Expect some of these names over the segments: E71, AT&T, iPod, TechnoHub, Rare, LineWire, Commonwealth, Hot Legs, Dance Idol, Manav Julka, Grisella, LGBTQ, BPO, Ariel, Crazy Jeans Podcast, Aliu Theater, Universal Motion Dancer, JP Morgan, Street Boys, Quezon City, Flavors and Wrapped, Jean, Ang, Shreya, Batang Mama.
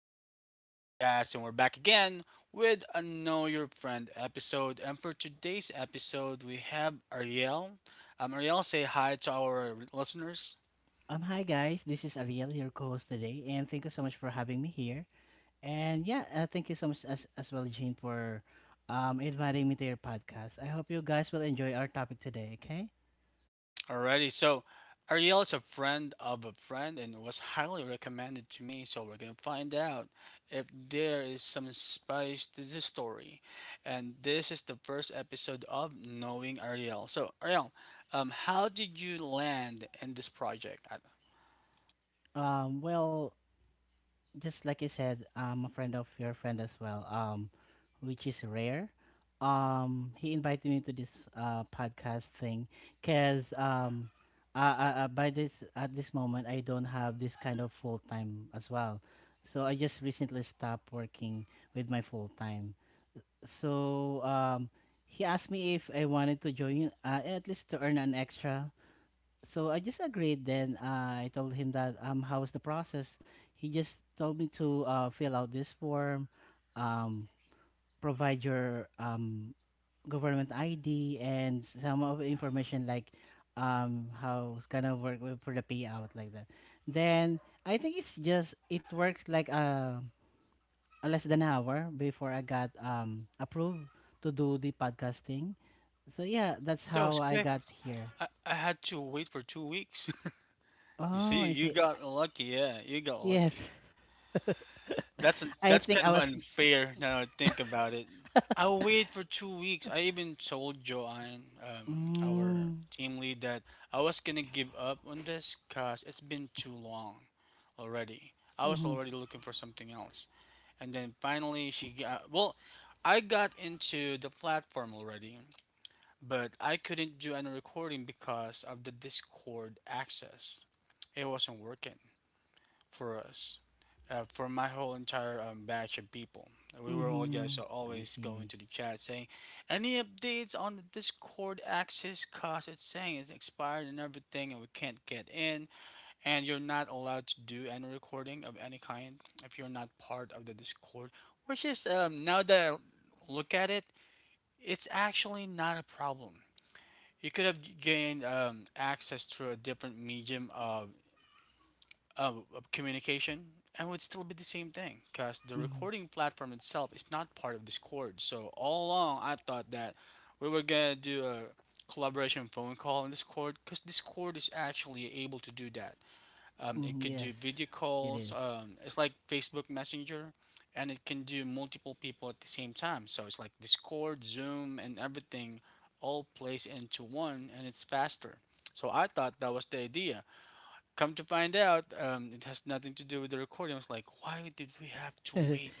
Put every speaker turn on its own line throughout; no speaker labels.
Crazy Jeans Podcast, and we're back again with a Know Your Friend episode. And for today's episode, we have Ariel. Ariel, say hi to our listeners.
Hi guys, this is Ariel, your co-host today, and thank you so much for having me here. And yeah, thank you so much as well, Jean, for inviting me to your podcast. I hope you guys will enjoy our topic today. Okay.
Alrighty, so Ariel is a friend of a friend and was highly recommended to me. So we're gonna find out if there is some spice to this story. And this is the first episode of Knowing Ariel. So Ariel, how did you land in this project?
Well, just like you said, I'm a friend of your friend as well, which is rare. He invited me to this podcast thing because by this at this moment I don't have this kind of full time as well. So I just recently stopped working with my full time. So he asked me if I wanted to join, at least to earn an extra, so I just agreed. Then I told him that, how was the process. He just told me to, fill out this form, um, provide your, government ID, and some of the information like, how it's gonna work for the payout like that. Then I think it worked like, a less than an hour before I got, approved to do the podcasting. So yeah, that's
That was
how I
quick.
got here.
I had to wait for 2 weeks. You
Oh,
see,
I
you
see.
got lucky. Yeah, you got
Yes.
lucky. That's
I
that's
think
kind
I
of
was.
unfair now I think about it. I waited for 2 weeks. I even told Joanne, our
Mm.
team lead, that I was gonna give up on this because it's been too long already. I was
Mhm.
already looking for something else, and then finally I got into the platform already, but I couldn't do any recording because of the Discord access. It wasn't working for us, for my whole entire batch of people. We were all guys
Mhm.
are
I
always going
see.
to the chat saying, "Any updates on the Discord access? Cause it's saying it's expired and everything, and we can't get in, and you're not allowed to do any recording of any kind if you're not part of the Discord." Which is now that I look at it, it's actually not a problem. You could have gained access through a different medium of communication and would still be the same thing because the
Mhm.
recording platform itself is not part of Discord. So, all along, I thought that we were going to do a collaboration phone call in Discord because Discord is actually able to do that.
Mhm,
It could
yes,
do video
it
calls.
is.
It's like Facebook Messenger, and it can do multiple people at the same time. So it's like Discord, Zoom, and everything all placed into one, and it's faster. So I thought that was the idea. Come to find out, it has nothing to do with the recording. I was like, why did we have to
It
wait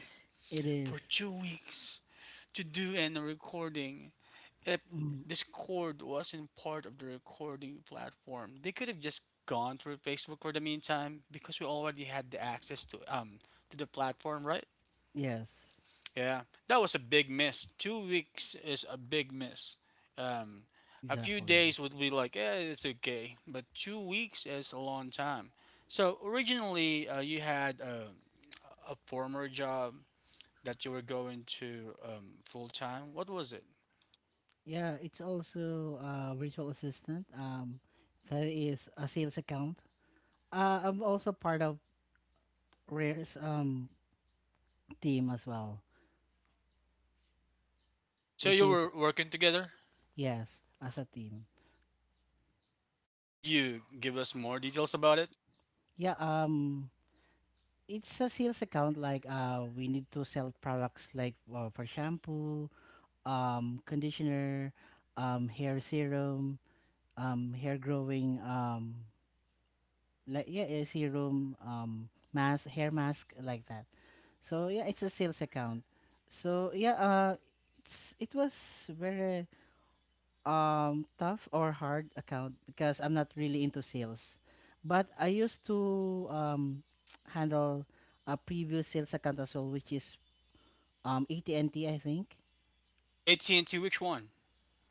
is.
for 2 weeks to do an recording, if
Mm,
Discord wasn't part of the recording platform? They could have just gone through Facebook for the meantime because we already had the access to the platform, right?
yes,
Yeah, that was a big miss. 2 weeks is a big miss. Um, a few
exactly.
days would be like, eh, it's okay, but 2 weeks is a long time. So originally, you had a former job that you were going to full time. What was it?
Yeah, it's also a virtual assistant. That is a sales account. I'm also part of Rare's, um, team as well,
So
which
you
is,
were working together?
yes, as a team.
Could you give us more details about it?
Yeah, it's a sales account. Like, we need to sell products like, for shampoo, conditioner, hair serum, hair growing, like yeah, a serum, mask, hair mask, like that. So yeah, it's a sales account. So yeah, it was very, um, tough or hard account because I'm not really into sales, but I used to, um, handle a previous sales account as well, which is, um, AT&T, I think.
AT&T, which one?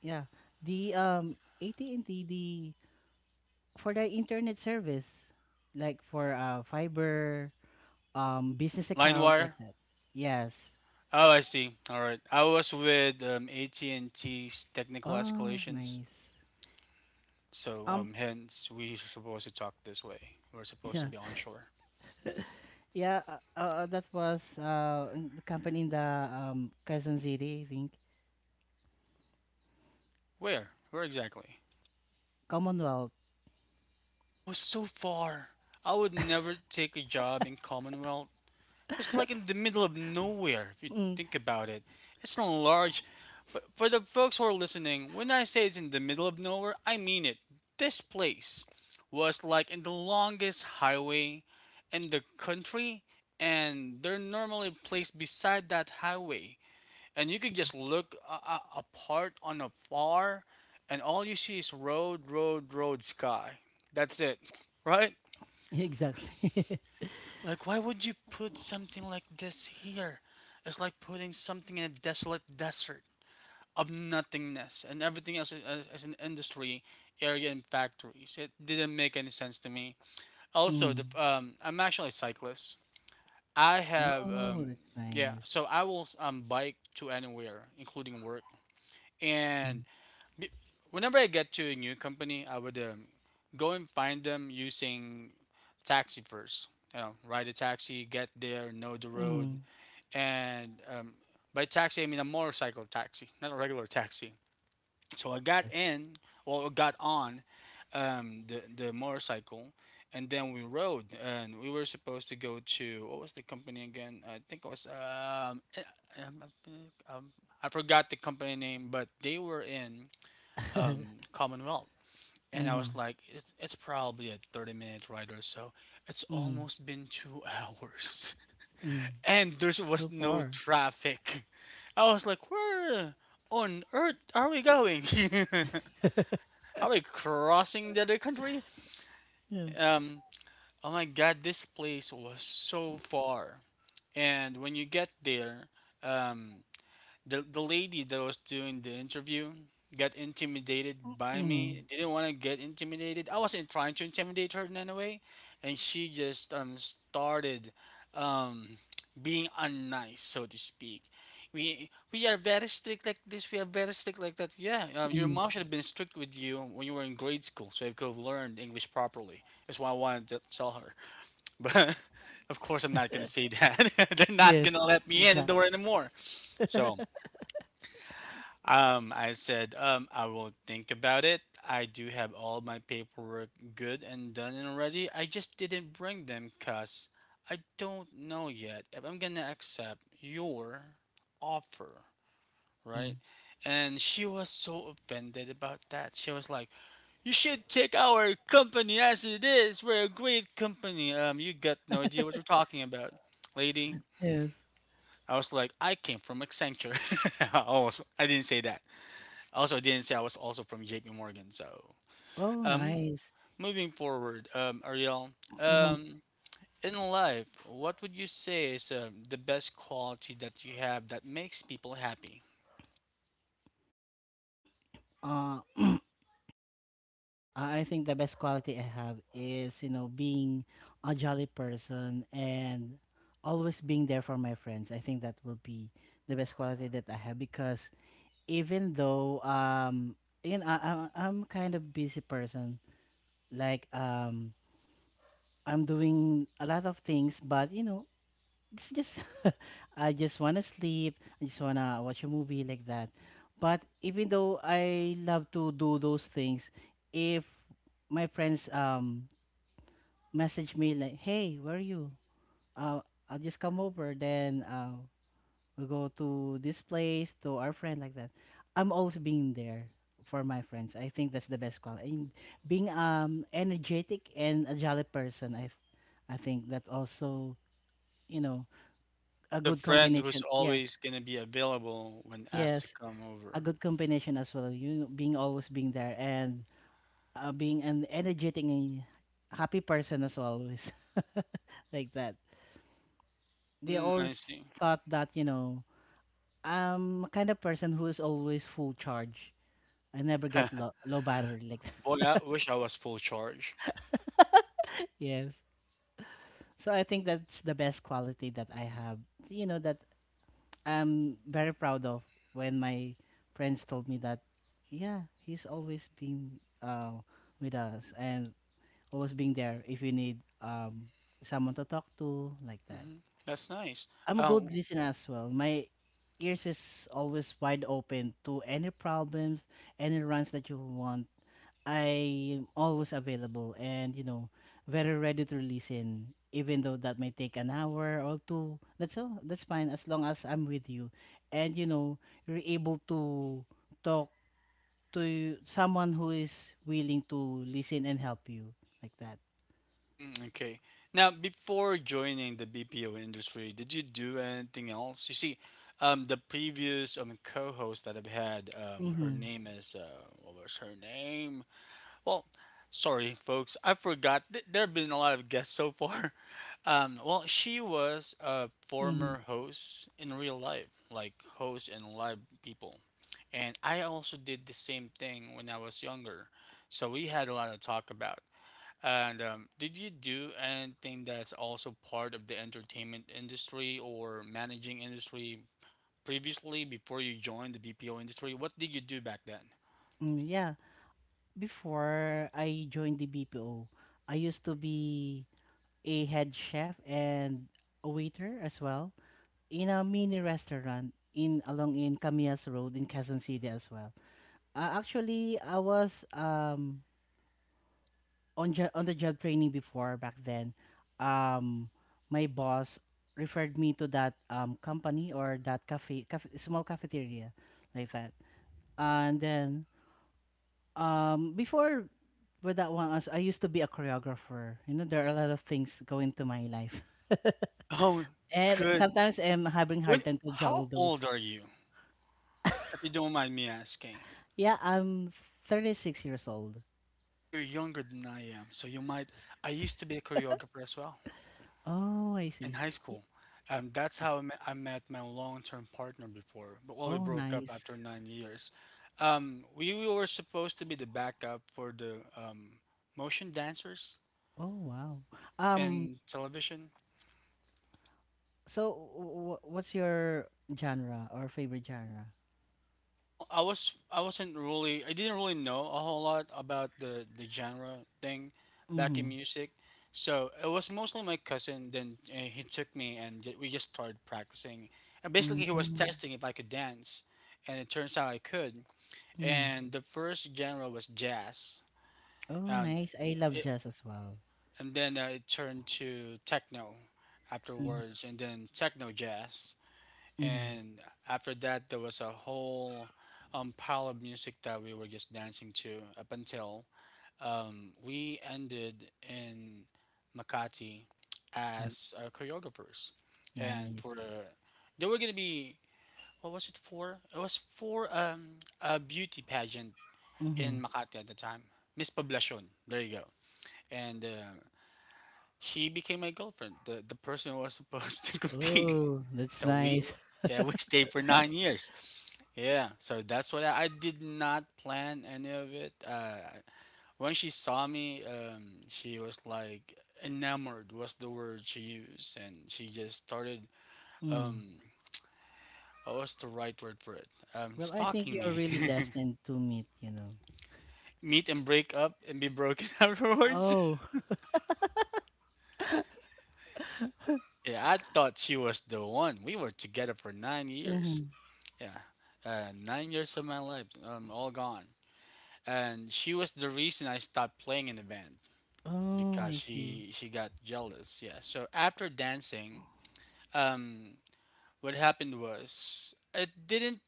Yeah, the, um, AT&T, the for the internet service, like for, uh, fiber, um, business account like
LineWire?
that. Yes.
Oh, I see. All right. I was with AT&T's technical
Oh,
escalations,
nice.
so
Um.
hence we supposed to talk this way. We're supposed to
Yeah.
be onshore.
Yeah, that was, uh, in the company in the, um, Quezon City, I think.
Where? Where exactly?
Commonwealth.
Oh, so far. I would never take a job in Commonwealth. It's like in the middle of nowhere, if you
Mm.
think about it. It's not large. But for the folks who are listening, when I say it's in the middle of nowhere, I mean it. This place was like in the longest highway in the country, and they're normally placed beside that highway. And you could
Mm.
just look apart on afar, and all you see is road, road, road, sky. That's it, right?
Exactly.
Like, why would you put something like this here? It's like putting something in a desolate desert of nothingness, and everything else an industry area and factories. It didn't make any sense to me. Also,
Mm.
I'm actually a cyclist. I have,
Oh, that's
yeah,
nice.
so I will bike to anywhere, including work.
Mm.
And it- whenever I get to a new company, I would go and find them using taxi first. You know, ride a taxi, get there, know the road,
Mm,
and by taxi I mean a motorcycle taxi, not a regular taxi. So I got
yes.
in, or got on, the motorcycle, and then we rode, and we were supposed to go to what was the company again? I think it was um, um, I forgot the company name, but they were in Commonwealth. And I was
Mm.
like, it's probably a 30-minute ride or so. It's
Mm.
almost been 2 hours.
Mm.
And
S-
there
So
was no
far.
traffic. I was like, where on earth are we going? Are we crossing the other country?
Yeah.
Um, oh my god, this place was so far. And when you get there, um, the lady that was doing the interview got intimidated
Mm.
by
Mm.
me. Didn't want to get intimidated. I wasn't trying to intimidate her in any way, and she just started um being unnice, so to speak. We are very strict like this. We are very strict like that. Yeah, your
Mm.
mom should have been strict with you when you were in grade school, so you could have learned English properly. That's why I wanted to tell her. But of course, I'm not gonna say that. They're not
Yes,
gonna let me in the
exactly.
door anymore. So I said, I will think about it. I do have all my paperwork good and done and already. I just didn't bring them because I don't know yet if I'm gonna accept your offer,
Mm-hmm.
right? And she was so offended about that. She was like, "You should take our company as it is. We're a great company. You got no idea what you're talking about, lady."
Yes.
I was like, "I came from Accenture." I didn't say that. Also, I didn't say I was also from JP Morgan. So,
Oh,
M-
nice.
moving forward, Ariel,
Mhm.
um, in life, what would you say is the best quality that you have that makes people happy?
Uh, I think the best quality I have is, you know, being a jolly person and always being there for my friends. I think that will be the best quality that I have because even though, um, you know, I'm kind of busy person, like, um, I'm doing a lot of things, but you know it's just, I just wanna sleep. I just wanna watch a movie like that. But even though I love to do those things, if my friends, um, message me like, "Hey, where are you? Uh, I'll just come over. Then, we'll go to this place to our friend like that." I'm always being there for my friends. I think that's the best quality. And being, um, energetic and a jolly person, I think that also, you know,
You're
a
the
good
friend who's
combination. Yeah.
always going to be available when asked to
Yes,
come over.
a good combination as well. You being always being there and, being an energetic and happy person as always, like that. They
Mm, I
always
see.
thought that you know I'm a kind of person who is always full charge. I never get low battery like
Boy,
that.
I wish I was full charge.
Yes, so I think that's the best quality that I have. You know that I'm very proud of when my friends told me that, yeah, he's always been, with us and always being there if you need, um, someone to talk to like that.
Hmm, that's nice.
I'm a
Uh,
good listener as well. My ears is always wide open to any problems, any runs that you want. I'm always available and you know very ready to listen even though that may take an hour or two, that's all, that's fine, as long as I'm with you, and you know you're able to talk to someone who is willing to listen and help you like that.
Mm, okay. Now, before joining the BPO industry, did you do anything else? You see, the previous co-host that I've had, her
Mm-hmm.
name is what was her name? Well, sorry, folks, I forgot. There have been a lot of guests so far. Well, she was a
Mm-hmm.
former host in real life, like host and live people, and I also did the same thing when I was younger. So we had a lot to talk about. And did you do anything that's also part of the entertainment industry or managing industry previously before you joined the BPO industry? What did you do back then?
Mm, yeah. Before I joined the BPO, I used to be a head chef and a waiter as well in a mini restaurant in along in Camias Road in Quezon City as well. Actually, I was, um, on the job training before back then. Um, my boss referred me to that, um, company or that cafe, cafe small cafeteria like that. And then, um, before with that one, as I used to be a choreographer. You know, there are a lot of things go into my life,
Oh,
and
good.
sometimes I'm having hard
What?
time to juggle
How
those.
old are you, if you don't mind me asking?
Yeah, I'm 36 years old.
Oh, you're younger than I am, so you might. I used to be a choreographer as well,
Oh, I
in
see.
high school. That's how I met my long-term partner before, but when we
Oh,
broke up
nice.
after 9 years, we were supposed to be the backup for the motion dancers
Oh, wow. Um,
in television.
so what's your genre or favorite genre?
Well, I didn't really know a whole lot about the genre thing back
Mm-hmm.
in music, so it was mostly my cousin. Then he took me and we just started practicing, and basically he was
Mm-hmm.
testing if I could dance, and it turns out I could.
Mm.
And the first genre was jazz,
Oh,
and
nice. I love
it,
jazz as well.
and then it turned to techno
Mm-hmm.
afterwards, and then techno jazz,
Mm-hmm.
and after that there was a whole pile of music that we were just dancing to up until we ended in Makati
Mm-hmm.
as choreographers, and
Nice.
for the there were gonna be what was it for? It was for a beauty pageant
Mm-hmm.
in Makati at the time, Miss Poblacion. There you go. And she became my girlfriend. The person who was supposed to compete.
Oh, that's
So we
nice.
yeah we stayed for 9 years. Yeah. So that's what I did not plan any of it. When she saw me, she was like enamored was the word she used, and she just started
Mm.
um. What was the right word for it?
Well, I think
Stalking
you're
me.
really destined to meet, you know.
Meet and break up and be broken afterwards.
Oh.
Yeah, I thought she was the one. We were together for 9 years.
Mm-hmm.
Yeah, 9 years of my life, all gone. And she was the reason I stopped playing in the band
Oh,
because
I see.
she got jealous. Yeah. So after dancing, um, what happened was it didn't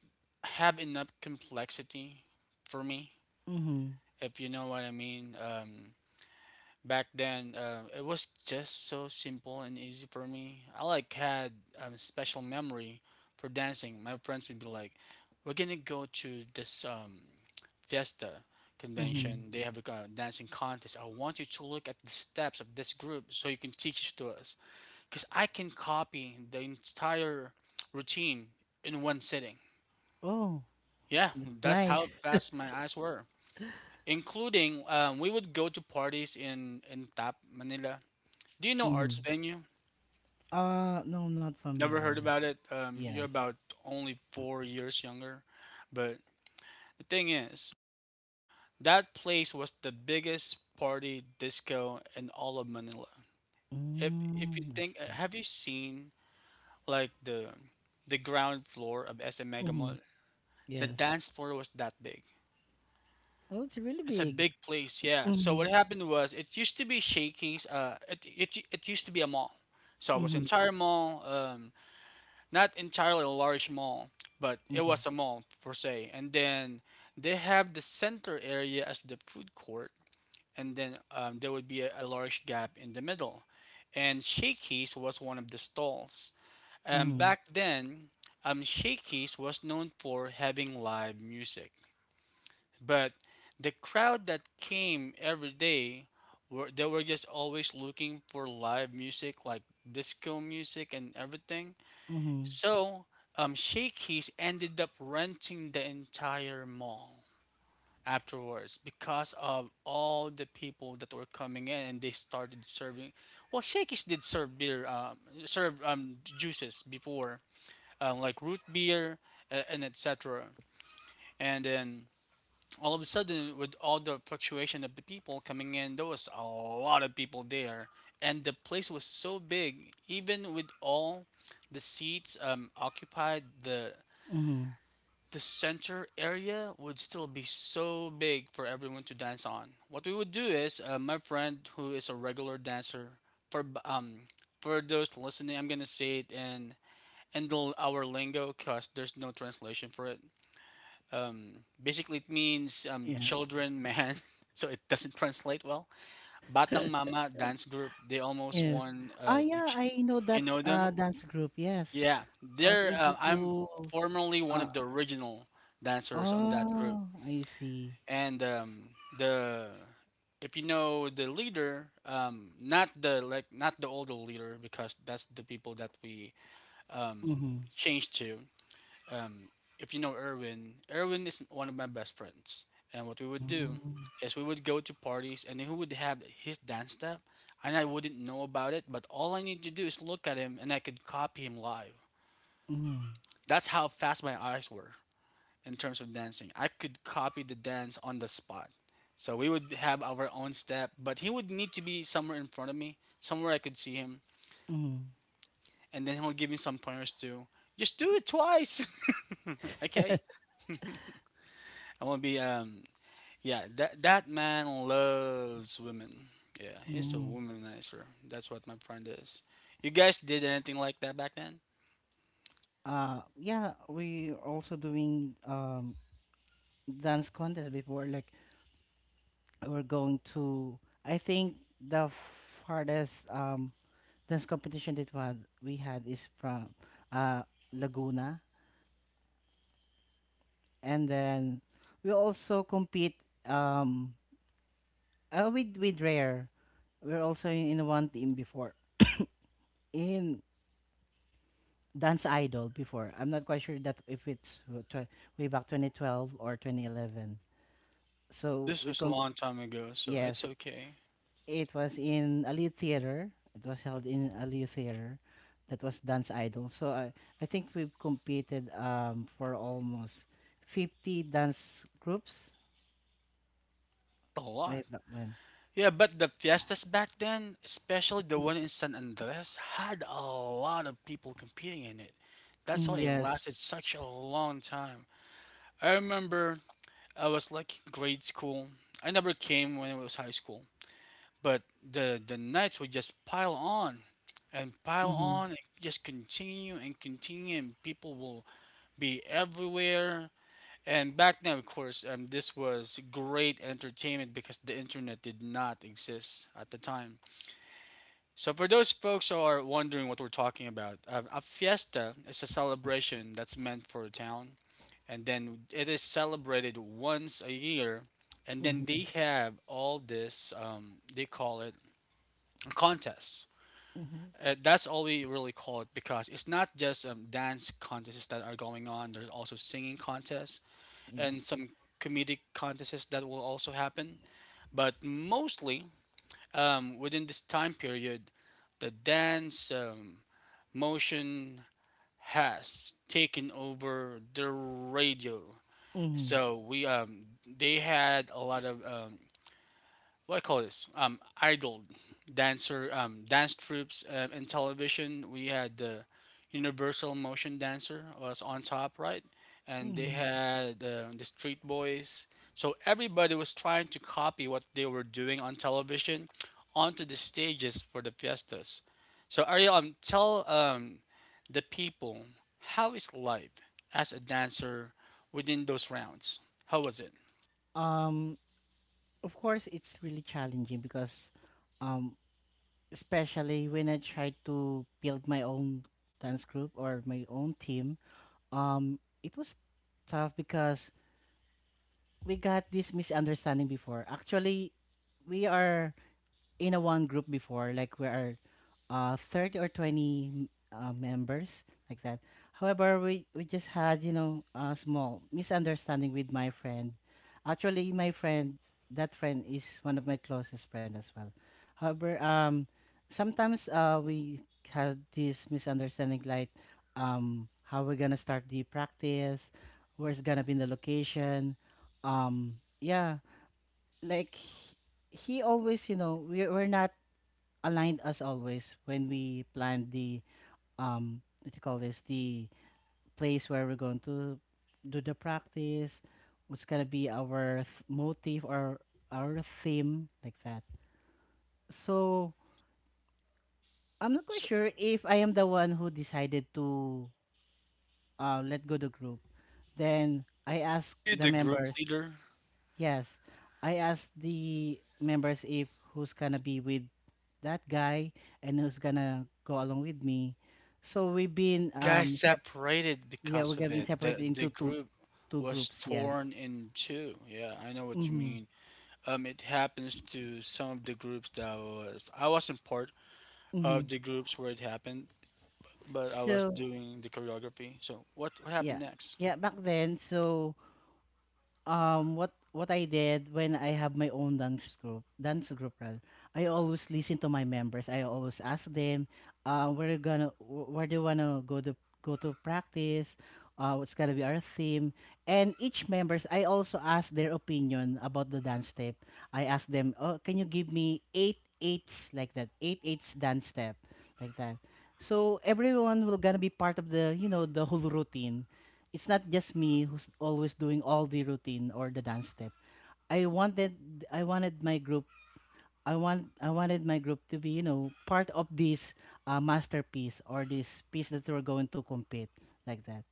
have enough complexity for me,
Mm-hmm.
if you know what I mean. Back then it was just so simple and easy for me. I like had a special memory for dancing. My friends would be like, "We're gonna go to this fiesta
Mm-hmm.
convention. They have a dancing contest. I want you to look at the steps of this group so you can teach it to us," because I can copy the entire routine in one sitting.
Oh,
Yeah,
that's
that's
nice.
how fast my eyes were, including we would go to parties in tap Manila. Do you know Arts
Mm-hmm.
Venue?
No, I'm not
Never
familiar.
heard about it. You're
Yes.
about only 4 years younger. But the thing is, that place was the biggest party disco in all of Manila. If if you
Mm, I
think,
see.
have you seen like the ground floor of SM Mega
Mm-hmm.
Mall? The
Yes.
dance floor was that big.
Oh, it's really
It's a
big.
big place, yeah. So
Mm-hmm.
what happened was, it used to be Shakey's. It used to be a mall. So it was
Mm-hmm.
entire mall. Not entirely a large mall, but it
Mm-hmm.
was a mall per se. And then they have the center area as the food court, and then there would be a large gap in the middle. And Shakey's was one of the stalls. And
Mm-hmm.
back then, Shakey's was known for having live music, but the crowd that came every day were they were just always looking for live music, like disco music and everything.
Mm-hmm.
So, Shakey's ended up renting the entire mall afterwards because of all the people that were coming in, and they started serving. Well, Shakey's did serve beer, serve juices before, like root beer and etc. And then all of a sudden, with all the fluctuation of the people coming in, there was a lot of people there, and the place was so big. Even with all the seats occupied,
Mm-hmm.
the center area would still be so big for everyone to dance on. What we would do is, my friend who is a regular dancer, for um for those listening, I'm gonna say it in our lingo because there's no translation for it. Basically it means
Yes.
children man, so it doesn't translate well. Batang Mama dance group, they almost
Yes.
won.
Ah, yeah, I know
You
that,
know them?
dance group. Yes.
Yeah,
I was
they're.
able
I'm
to.
formerly one
Uh,
of the original dancers on that group.
oh, I see.
And the If you know the leader, not the like not the older leader, because that's the people that we
Mhm.
changed to. If you know Erwin, Erwin is one of my best friends, and what we would do
Mm.
is we would go to parties, and he would have his dance step, and I wouldn't know about it, but all I need to do is look at him, and I could copy him live.
Mhm.
That's how fast my eyes were in terms of dancing. I could copy the dance on the spot. So we would have our own step, but he would need to be somewhere in front of me, somewhere I could see him,
Mhm.
and then he'll give me some pointers to just do it twice. Okay? I want to be yeah, that man loves women. Yeah, he's a
Mhm.
womanizer. That's what my friend is. You guys did anything like that back then?
Yeah, we are also doing, um, dance contest before. Like we're going to, I think the farthest, um, dance competition that we had is from, uh, Laguna, and then we also compete, um, with Rare. We're also in one team before in Dance Idol before. I'm not quite sure that if it's way back 2012 or 2011.
And
So
this
we
was a
com.
long time ago, so it's
Yes,
okay.
it was in Aliu Theater. It was held in Aliu Theater. That was Dance Idol. So I think we've competed, um, for almost 50 dance groups
That's a lot.
way back when.
Yeah, but the fiestas back then, especially the one in San Andres, had a lot of people competing in it. That's
Mm,
why it
yes.
lasted such a long time. I remember I was like grade school. I never came when it was high school, but the nights would just pile
Mhm.
on and just continue and continue, and people will be everywhere. And back then, of course, this was great entertainment because the internet did not exist at the time. So, for those folks who are wondering what we're talking about, a fiesta is a celebration that's meant for a town, and then it is celebrated once a year. And then
Mhm.
they have all this, they call it contests.
Mhm.
That's all we really call it, because it's not just dance contests that are going on. There's also singing contests
Yes.
and some comedic contests that will also happen. But mostly within this time period, the dance, motion has taken over the radio.
Mhm.
So we they had a lot of what I call this idol dancer dance troops in television. We had the Universal Motion Dancer was on top, right? And they
Mhm.
had the Street Boys. So everybody was trying to copy what they were doing on television onto the stages for the fiestas. So Ariel, tell the people, how is life as a dancer within those rounds? How was it?
Um, of course, it's really challenging because, um, especially when I tried to build my own dance group or my own team, it was tough because we got this misunderstanding before. Actually, we are in a one group before, like we are, 30 or 20 members, like that. However, we just had, you know, a small misunderstanding with my friend. Actually, my friend, that friend is one of my closest friend as well. However, sometimes, we had this misunderstanding, like, how we're gonna start the practice, where's gonna be the location. Um, yeah, like he always, you know, we're not aligned as always when we planned the, um, what do you call this, the place where we're going to do the practice, what's gonna be our motive or our theme like that. So I'm not quite
So,
sure if I am the one who decided to, let go the group. Then I
were
asked
you
the
the group
members,
leader?
yes, I asked the members if who's gonna be with that guy and who's gonna go along with me. So we've been,
It got
um,
separated
yeah, we
because
have
of
been
it.
separated
The
into
the
two
group
two
was
groups, yes.
torn in two. Yeah, I know what you
Mm-hmm.
mean. It happens to some of the groups that was I wasn't part
Mm-hmm.
of the groups where it happened, but I was
So
doing the choreography. So what
yeah.
happened next?
Yeah, back then, so, um, what I did when I have my own dance group rather, I always listen to my members. I always ask them, where you gonna, where do you wanna go to go to practice? What's gonna be our theme? And each members, I also ask their opinion about the dance step. I ask them, oh, can you give me eight eights like that, eight eights dance step, like that. So everyone will gonna be part of the, you know, the whole routine. It's not just me who's always doing all the routine or the dance step. I wanted I wanted my group I want I wanted my group to be you know part of this, masterpiece or this piece that we're going to compete like that.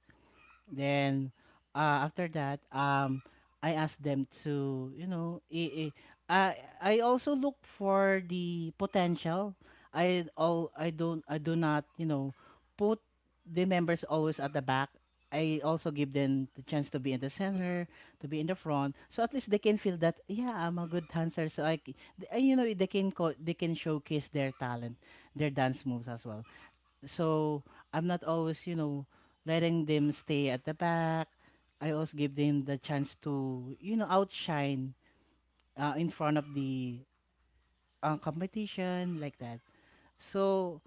Then, after that, I asked them to, you know, I, I also look for the potential. I don't I do not, you know, put the members always at the back. I also give them the chance to be in the center, to be in the front, so at least they can feel that yeah, I'm a good dancer. So I, you know, they can showcase their talent, their dance moves as well. So I'm not always, you know, letting them stay at the back. I also give them the chance to, you know, outshine, in front of the, competition like that. So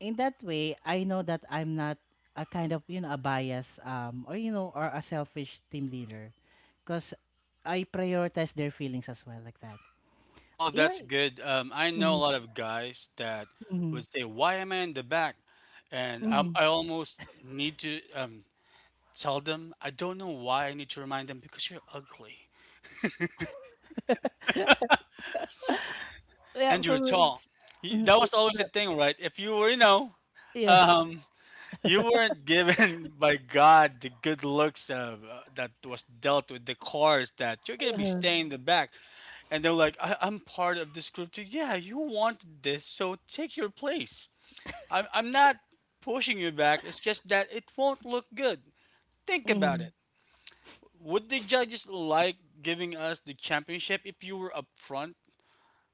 in that way, I know that I'm not a kind of, a bias, or a selfish team leader because I prioritize their feelings as well like that.
Oh well,
Yeah.
that's good. I know a
Mm-hmm,
lot of guys that
mm-hmm,
would say, "Why am I in the back?" And i
mm-hmm.
I almost need to tell them, "I don't know why I need to remind them, because you're ugly."
Well,
And
for
you're
me,
tall.
it's,
Y-
mm,
That was
it's
always a
not,
thing, right? If you were, you know,
yeah.
um, you weren't given by God the good looks of, that was dealt with the cars, that you're gonna be
Uh-huh.
staying in the back, and they're like, I'm part of this group too. Yeah, you wanted this, so take your place. I'm not pushing you back. It's just that it won't look good. Think about it. Would the judges like giving us the championship if you were up front?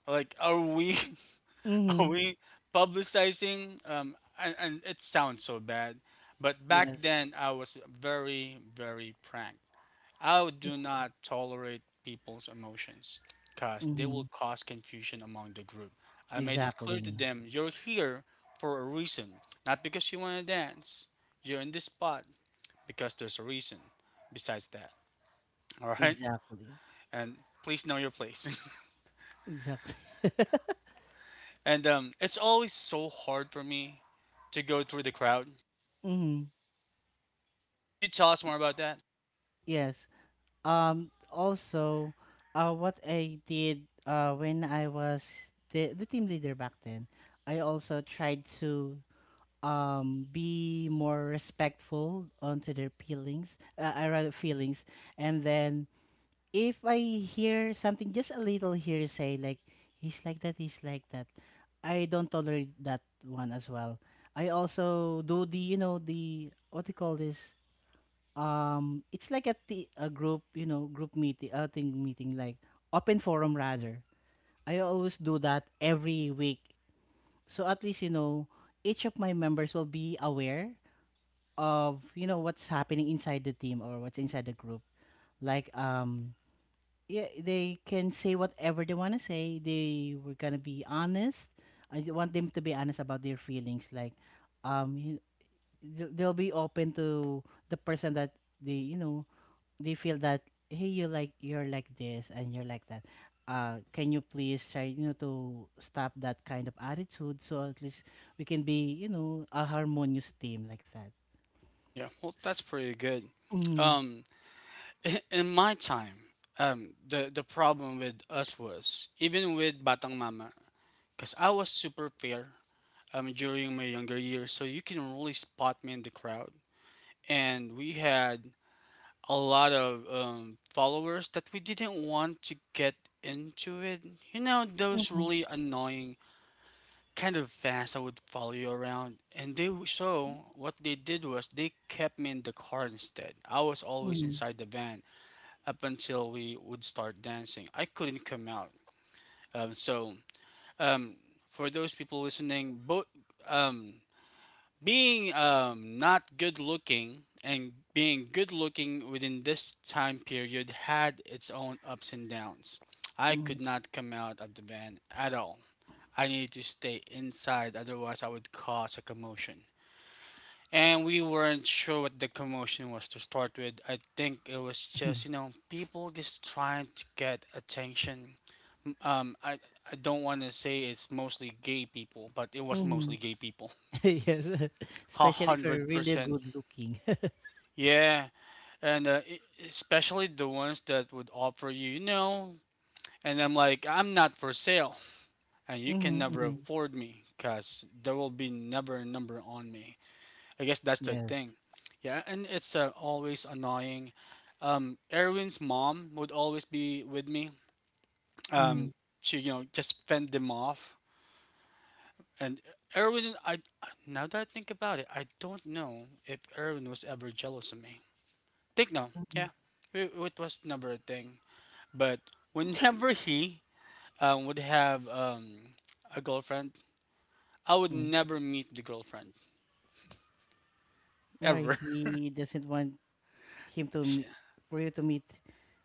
Like, are we?
Mm-hmm.
We publicizing and it sounds so bad, but back
Yes.
then I was very very pranked. I do not tolerate people's emotions because they
Mm-hmm.
will cause confusion among the group. I made it clear to
Exactly.
them, you're here for a reason, not because you want to dance. You're in this spot because there's a reason. Besides that, all right,
Exactly.
and please know your place.
Exactly.
And it's always so hard for me to go through the crowd.
Mm-hmm.
Could you tell us more about that?
Yes. Also, what I did when I was the team leader back then, I also tried to be more respectful onto their feelings. I rather feelings, and then if I hear something just a little hearsay, like he's like that, I don't tolerate that one as well. I also do the what do you call this? It's like a group you know group meeting, a thing meeting like open forum rather. I always do that every week, so at least each of my members will be aware of what's happening inside the team or what's inside the group. Like, yeah, they can say whatever they want to say. They were gonna be honest. I want them to be honest about their feelings. Like, um, you, they'll be open to the person that they, you know, they feel that hey, you're like this and you're like that. Can you please try, to stop that kind of attitude so at least we can be, a harmonious team like that.
Yeah, well,
S-
that's pretty good.
Mm,
Um, in my time, the problem with us was even with Batang Mama, because I was super fair during my younger years, so you can really spot me in the crowd, and we had a lot of followers that we didn't want to get into it. You know, those
mm,
really annoying kind of fast. I would follow you around, and they so what they did was they kept me in the car instead. I was always inside the van up until we would start dancing. I couldn't come out. Um, so um, for those people listening, both um, being not good looking and being good looking within this time period had its own ups and downs. I
mm,
could not come out of the van at all. I needed to stay inside, otherwise, I would cause a commotion. And we weren't sure what the commotion was to start with. I think it was just, you know, people just trying to get attention. Um, I, I don't want to say it's mostly gay people, but it was
mm.
mostly gay people.
Yes, especially if you're really
100%
good looking.
Yeah, and especially the ones that would offer you, you know, and I'm like, I'm not for sale, and you
Mhm,
can never
mhm.
afford me, cause there will be never a number on me. I guess that's the
Yes.
thing. Yeah, and it's always annoying. Erwin's mom would always be with me,
Mhm,
um, to you know just fend them off. And Erwin, I now that I think about it, I don't know if Erwin was ever jealous of me. Think no, yeah,
mhm,
it was never a thing. But whenever he would have a girlfriend, I would
mhm.
never meet the girlfriend
Where
ever.
he doesn't want him to meet, for you to meet,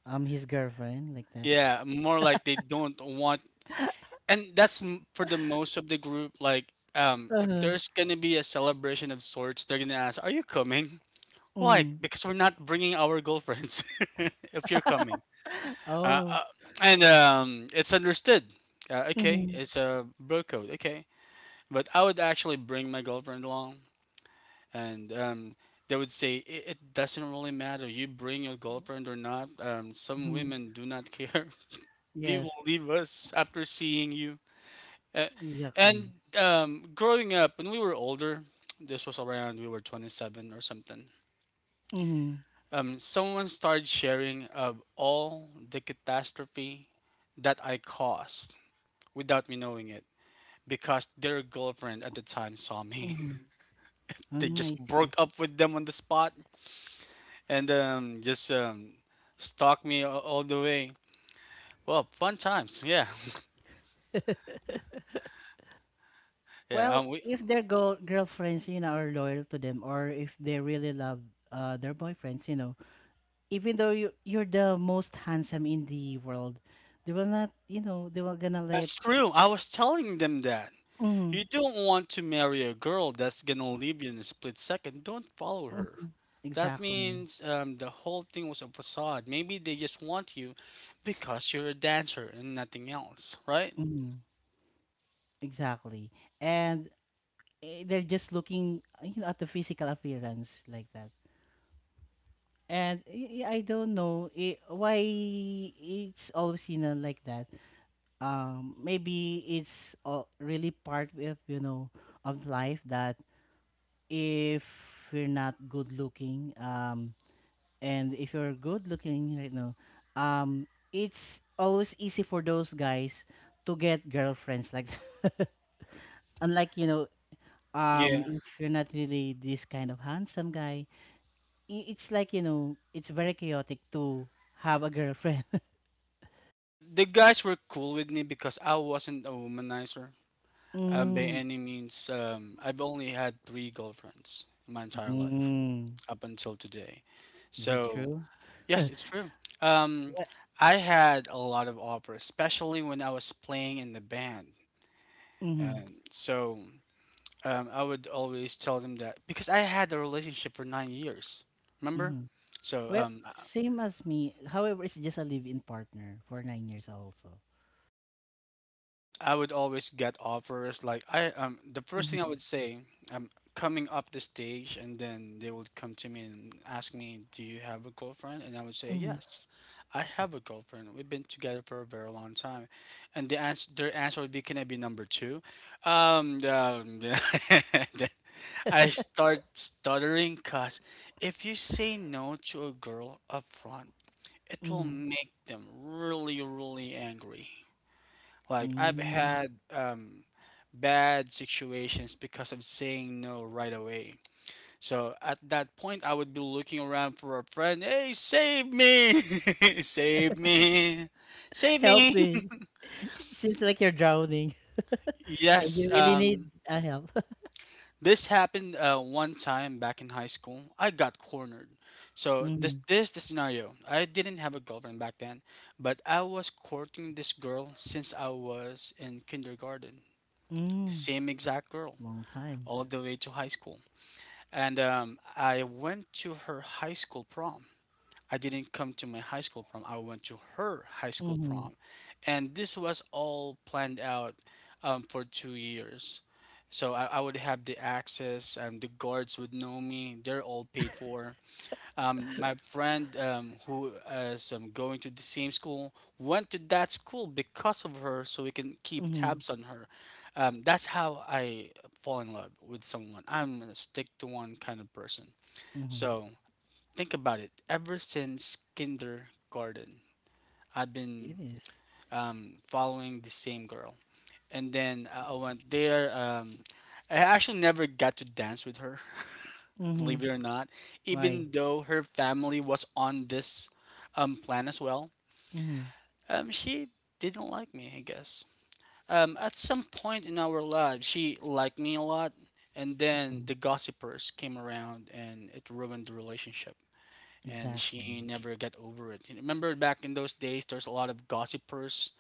his girlfriend like that.
Yeah, more like they don't want, and that's for the most of the group. Like, if
Uh-huh.
there's gonna be a celebration of sorts, they're gonna ask, "Are you coming?" Why?
Mm.
Because we're not bringing our girlfriends. If you're coming, uh,
Oh.
and it's understood. Okay,
Mhm,
it's a bro code. Okay, but I would actually bring my girlfriend along. And they would say it doesn't really matter you bring your girlfriend or not. Some
mhm.
women do not care. they
Yes.
will leave us after seeing you uh,
Exactly.
and Growing up when we were older, this was around we were 27 or something.
Mhm,
Someone started sharing of all the catastrophe that I caused without me knowing it because their girlfriend at the time saw me.
mhm.
they
Mm, I
just
see.
broke up with them on the spot and just stalk me all the way. Well, fun times. Yeah, yeah.
Well, if their girlfriends, are loyal to them, or if they really love their boyfriends, even though you're the most handsome in the world, they will not, they will gonna let.
That's true. I was telling them that
Mm-hmm,
you don't want to marry a girl that's gonna leave you in a split second. Don't follow her.
mhm.
That
Exactly.
means the whole thing was a facade. Maybe they just want you because you're a dancer and nothing else, right?
Mhm. Exactly. And they're just looking, at the physical appearance like that. And I don't know why it's always like that. Maybe it's really part of life that if you're not good looking, and if you're good looking, um, it's always easy for those guys to get girlfriends like that. Unlike
Yeah.
if you're not really this kind of handsome guy, it's like it's very chaotic to have a girlfriend.
The guys were cool with me because I wasn't a womanizer. By
mm,
any means, I've only had 3 girlfriends in my entire life
mm,
up until today.
is it
So,
true?
yes, it's true. Um,
What?
I had a lot of offers, especially when I was playing in the band.
Mm-hmm,
Um, so, I would always tell them that because I had a relationship for 9 years, remember?
mm-hmm.
So,
Well,
um,
same as me, however it's just a live-in partner for 9 years also.
and I would always get offers. Like, I the first thing I
Mm-hmm,
would say, I'm coming up the stage and then they would come to me and ask me, "Do you have a girlfriend?" And I would say,
mm-hmm,
"Yes, I have a girlfriend. We've been together for a very long time." And their answer would be, "Can I be number 2?" Then I start stuttering, cause if you say no to a girl up front, it will
mm-hmm,
make them really, really angry. Like, I've
mm.
had bad situations because of saying no right away. So at that point, I would be looking around for a friend. Hey, save me! save me! Save
Help
me!
me, it seems like you're drowning. And you
Yes,
really need a help.
this happened one time back in high school. I got cornered. So this
Mm,
this is the scenario. I didn't have a girlfriend back then, but I was courting this girl since I was in kindergarten. The
mm,
same exact girl,
long time.
all the way to high school. And I went to her high school prom. I didn't come to my high school prom. I went to her high school
Mm-hmm,
prom, and this was all planned out for 2 years. So I would have the access, and the guards would know me. They're all paid for. My friend, who is going to the same school, went to that school because of her, so we can keep
mm-hmm,
tabs on her. That's how I fall in love with someone. I'm a stick to one kind of person.
mm-hmm.
So think about it. Ever since kindergarten, I've been
It is.
following the same girl, and then I went there. I actually never got to dance with her. believe
Mhm.
it or not,
Why?
even though her family was on this plan as well,
Mhm.
she didn't like me, I guess. At some point in our lives, she liked me a lot, and then
Mhm.
the gossipers came around and it ruined the relationship. And she
Exactly.
never got over it. You remember back in those days, there's a lot of gossipers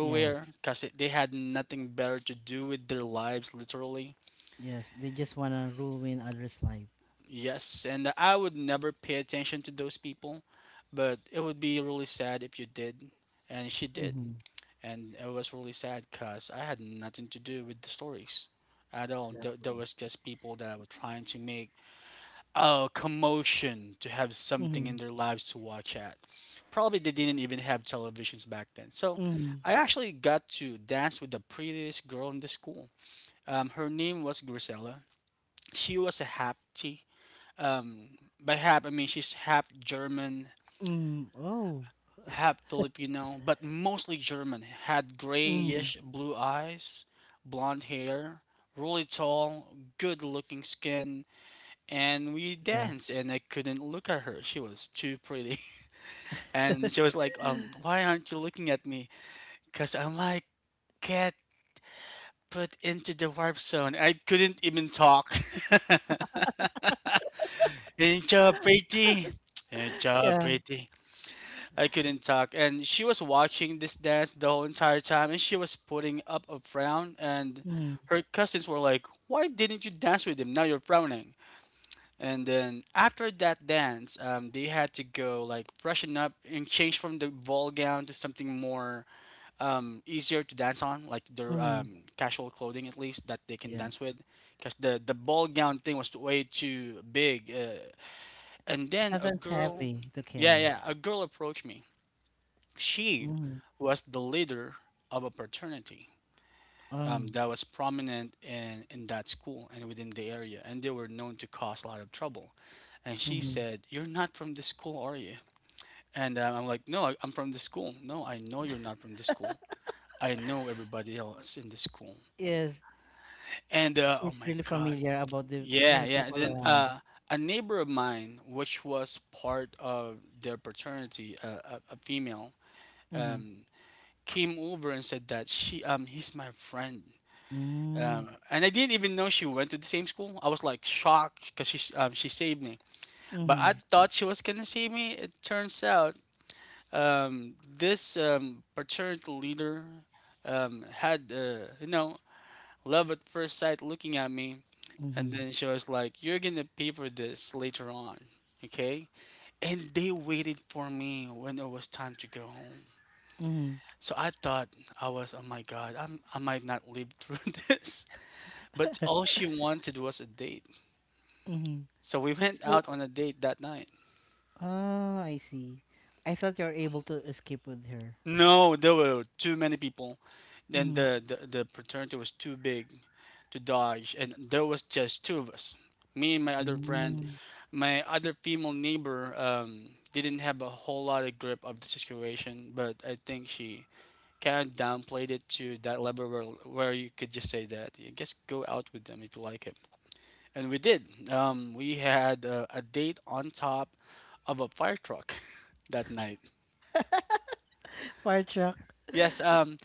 Yes.
because they had nothing better to do with their lives, literally.
Yes. They just wanna ruin others' life.
Yes, and I would never pay attention to those people, but it would be really sad if you did, and she did.
Mhm.
And it was really sad because I had nothing to do with the stories at all. There
Exactly.
was just people that were trying to make a commotion to have something in
Mhm.
their lives to watch at. Probably they didn't even have televisions back then. So
Mhm.
I actually got to dance with the prettiest girl in the school. Her name was Grisella. She was a hapti, um, by half, I mean she's half German,
Mhm. Oh.
half Filipino, but mostly German. Had
Mhm.
grayish blue eyes, blonde hair, really tall, good looking skin, and we
Yes.
danced. And I couldn't look at her; she was too pretty. And she was like, Why aren't you looking at me?" Cause I might get put into the warp zone. I couldn't even talk. Ain't you pretty? Ain't you
Yeah.
pretty? I couldn't talk. And she was watching this dance the whole entire time and she was putting up a frown, and
Mhm.
her cousins were like, "Why didn't you dance with him? Now you're frowning." And then after that dance, they had to go, like, freshen up and change from the ball gown to something more easier to dance on, like their
Mhm.
casual clothing, at least that they can
Yes.
dance with. Because the ball gown thing was way too big. And then a
Sometimes
girl,
heavy to
yeah,
carry.
yeah, a girl approached me. She
Mm.
was the leader of a fraternity
Oh.
that was prominent in that school and within the area, and they were known to cause a lot of trouble. And she
Mm-hmm.
said, "You're not from this school, are you?" And I'm like, "No, I'm from this school." "No, I know you're not from this school. I know everybody else in this school."
Yes.
And oh
It's
my
really
God.
familiar about the
Yeah, yeah.
people
Then
around.
a neighbor of mine, which was part of their fraternity, a female,
Mhm.
came over and said that she he's my friend.
Mhm.
And I didn't even know she went to the same school. I was like shocked because she saved me. But I
Mhm.
thought she was gonna save me. It turns out this fraternity leader had you know, love at first sight looking at me, and
Mhm.
then she was like, "You're gonna pay for this later on." Okay, and they waited for me when it was time to go home.
Mhm.
So I thought I was, oh my God, I'm, I might not live through this. But all she wanted was a date.
Mhm.
So we went out
So
on a date that night.
Ah, I see. I thought you were able to escape with her.
No, there were too many people. Then
Mm-hmm.
the fraternity was too big to dodge, and there was just two of us, me and my other friend.
Mm-hmm.
My other female neighbor didn't have a whole lot of grip of the situation, but I think she kind of downplayed it to that level where you could just say that, yeah, just go out with them if you like it. And we did. We had a date on top of a fire truck that night.
Fire truck.
Yes, um,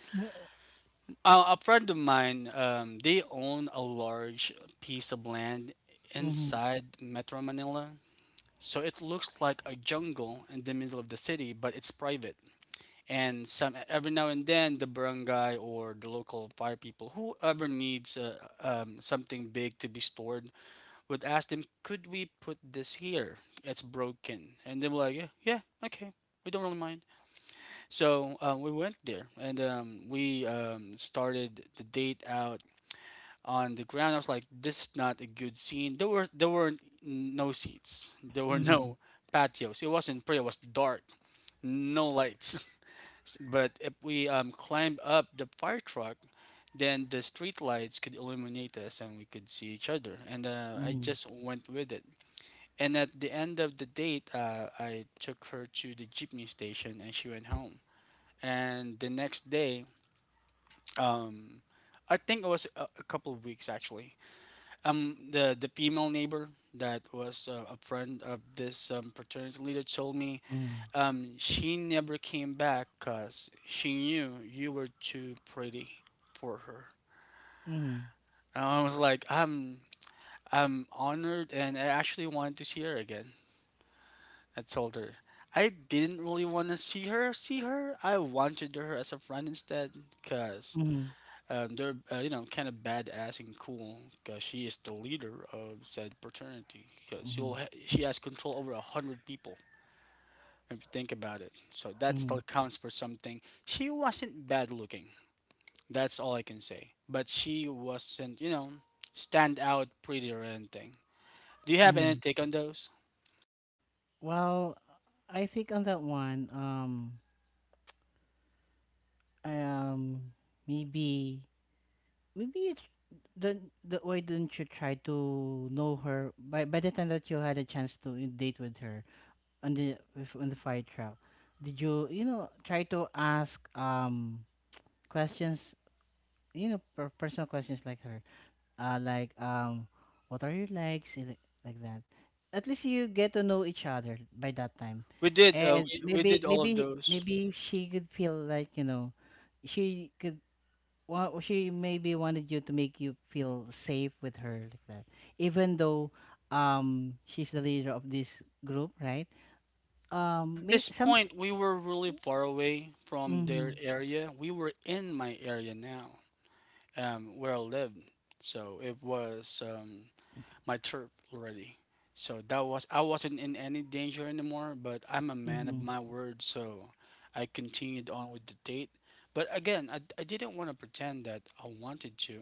a, a friend of mine, they own a large piece of land
Mm-hmm.
inside Metro Manila. So it looks like a jungle in the middle of the city, but it's private. And some every now and then, the barangay or the local fire people, whoever needs something big to be stored, would ask them, "Could we put this here? It's broken." And they were like, "Yeah, yeah, okay, we don't really mind." So we went there and we started the date out on the ground. I was like, this is not a good scene. There were no seats. There were
Mm-hmm.
no patios. It wasn't pretty. It was dark. No lights. But if we climbed up the fire truck, then the street lights could illuminate us and we could see each other. And I
Mm-hmm.
just went with it. And at the end of the date, I took her to the jeepney station and she went home. And the next day, um, I think it was a couple of weeks actually. The female neighbor that was a friend of this fraternity leader told me
Mm-hmm.
she never came back because she knew you were too pretty for her.
Mm-hmm.
And I was like, I'm honored, and I actually wanted to see her again. I told her. I didn't really want to see her. See her. I wanted her as a friend instead, cause
Mm-hmm.
They're you know, kind of badass and cool because she is the leader of said fraternity because she has control over 100 people if you think about it. So that
Mm-hmm.
still counts for something. She wasn't bad looking. That's all I can say. But she wasn't, you know, stand out pretty or anything. Do you have any
Mm-hmm.
take on those?
Well, I think on that one, um, maybe, maybe it's don't, why didn't you try to know her by the time that you had a chance to date with her on the with, on the fire truck? Did you you know try to ask questions personal questions like her like what are your likes and like that, at least you get to know each other by that time,
We did uh,
and
we, we
maybe
did all of
maybe
those.
maybe she could feel like she could she maybe wanted you to make you feel safe with her like that, even though she's the leader of this group, right?
At
May
this
some
point, we were really far away from
mm-hmm,
their area. We were in my area now, where I lived. So it was my turf already. So that was, I wasn't in any danger anymore. But I'm a man of
mm-hmm,
my word, so I continued on with the date. But again, I didn't want to pretend that I wanted to.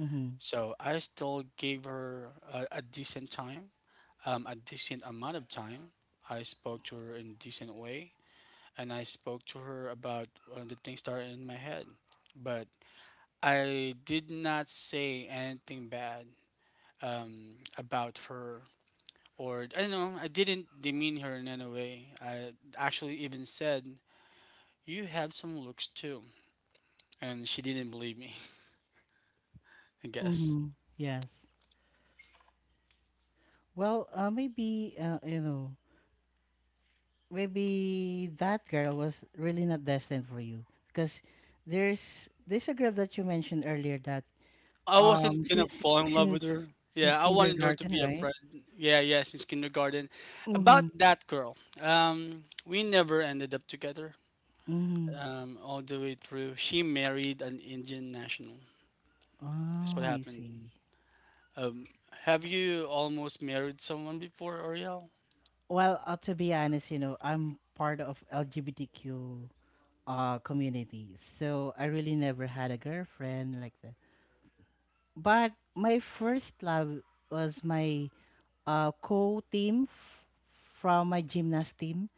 mm-hmm,
So I still gave her a decent time, a decent amount of time. I spoke to her in a decent way, and I spoke to her about the things that are in my head. But I did not say anything bad about her, or I don't know. I didn't demean her in any way. I actually even said, "You have some looks too," and she didn't believe me. I guess.
mm-hmm, yes. Well, maybe maybe that girl was really not destined for you because there's there's a girl that you mentioned earlier that
No, I
um
wasn't gonna
since
fall in love with
since
her.
since
Yeah, I wanted her to
kindergarten,
be a
right?
friend. Yeah, yeah, since kindergarten.
Mm-hmm.
About that girl, we never ended up together.
Mm-hmm.
All the way through, she married an Indian national. That's
Oh,
what
I
happened.
see.
Um, have you almost married someone before, Ariel?
Well, to be honest, I'm part of LGBTQ community, so I really never had a girlfriend like that. But my first love was my a co-team f- from my gymnast team,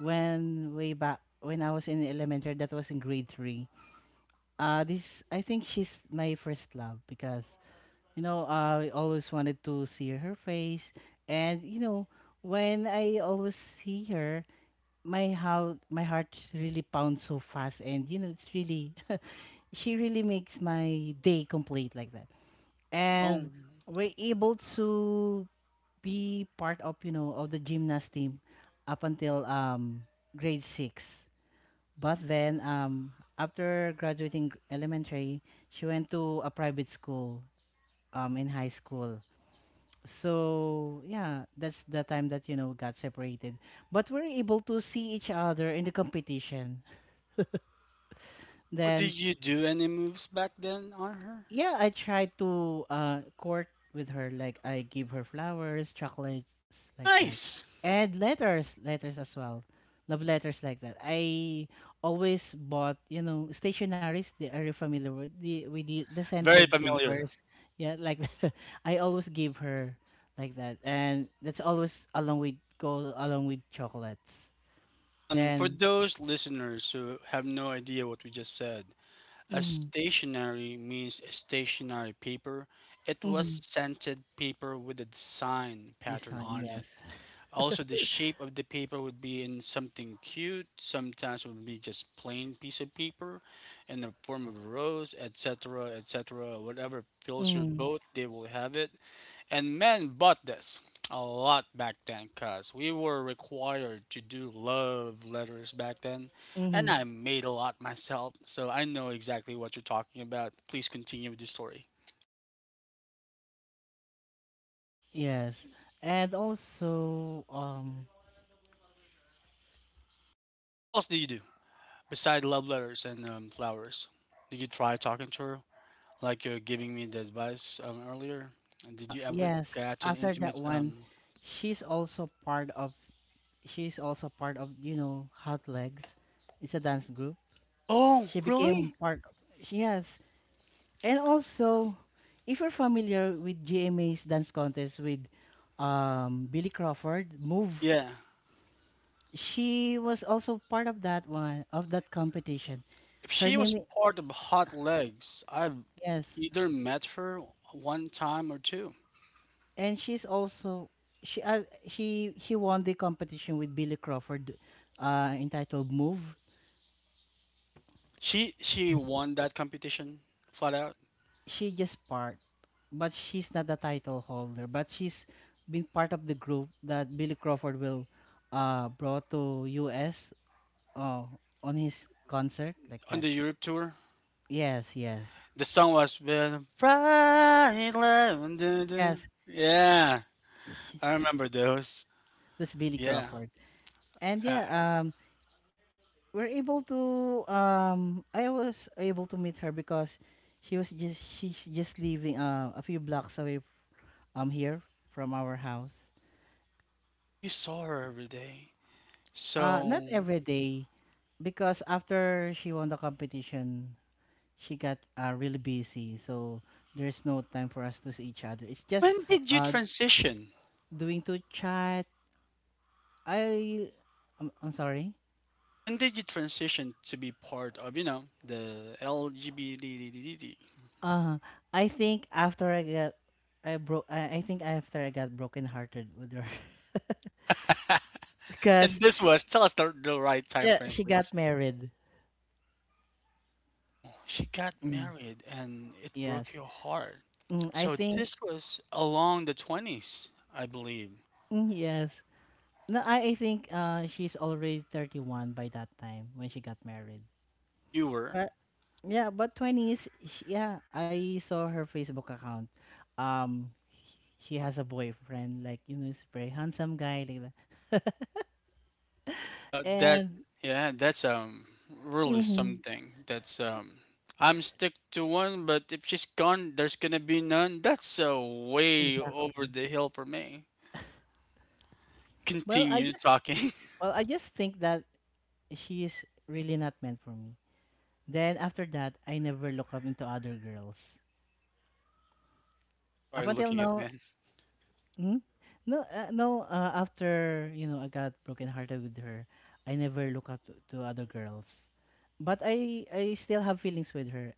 when way back when I was in elementary. That was in grade three. This I think she's my first love because I always wanted to see her face, and when I always see her, my how my heart really pounds so fast, and it's really she really makes my day complete like that,
Oh.
and we're able to be part of you know of the gymnast team up until grade six. But then after graduating elementary, she went to a private school in high school. So yeah, that's the time that got separated. But we're able to see each other in the competition.
Oh,
Then
did you do any moves back then on her?
yeah, I try to court with her. Like, I give her flowers, chocolates, like that,
Nice.
and letters, letters as well, love letters like that. I always bought, stationaries. They are you familiar with the
Very
scented
familiar.
papers? Yeah, like I always give her like that, and that's always along with chocolates.
For
Then,
those listeners who have no idea what we just said, a
mm-hmm,
stationery means a stationary paper. It was
mm-hmm,
scented paper with a design pattern
design,
on it.
yes,
Also, the shape of the paper would be in something cute. Sometimes it would be just plain piece of paper in the form of a rose, etc., etc. Whatever fills your
mm-hmm,
boat, they will have it. And men bought this a lot back then because we were required to do love letters back then. And
mm-hmm.
I made a lot myself, so I know exactly what you're talking about. Please continue with the story.
Yes, and also,
What else do you do besides love letters and flowers? Did you try talking to her? Like you're giving me the advice earlier. And did you ever
yes.
get to an
After that
intimate?
one, she's also part of. She's also part of Hot Legs. It's a dance group.
Oh,
She became
really?
part. Of, yes, and also, if you're familiar with GMA's dance contest with, Billy Crawford, Move.
Yeah.
She was also part of that one of that competition.
If
Her
she was
name.
part of Hot Legs, I've
Yes,
either met her one time or two.
and she's also she won the competition with Billy Crawford, entitled Move.
She won that competition flat out
She just part, but she's not the title holder. But she's been part of the group that Billy Crawford will, brought to U.S. Uh, on his concert like
on
that.
the Europe tour.
Yes, yes,
The song was been Pride Love. Dun, dun."
yes.
Yeah, I remember those.
That's Billy
Yeah.
Crawford. And
Uh,
yeah, um, we're able to I was able to meet her because she's just living a few blocks away here from our house.
oh, you saw her every day.
Not
So
every day, because after she won the competition she got really busy, so there's no time for us to see each other. It's just
when did you
uh
transition?
doing to chat. I I'm sorry.
When did you transition to be part of, you know, the LGBT?
Uh I think after I got I think after I got broken hearted with her. Because
And this was, tell us the right time frame,
she got
please.
married.
Oh, she got
Mm,
married and it
yes.
broke your heart.
Mm, I
So
think.
this was along the 20s, I believe.
Mm, yes. No, I think she's already 31 by that time when she got married.
And you were.
But yeah, but 20s yeah, I saw her Facebook account. Um she has a boyfriend like, he's a very handsome guy like that.
That,
And
yeah, that's really
mhm,
something. That's I'm stick to one, but if she's gone, there's gonna be none. That's way
exactly.
over the hill for me.
Well, I
Continue
just
talking.
well, I just think that she's really not meant for me. Then after that, I never look up into other girls.
You
Up
started
until
looking at
now,
men.
hmm? No, no. After I got broken hearted with her, I never look up to other girls, but I still have feelings with her.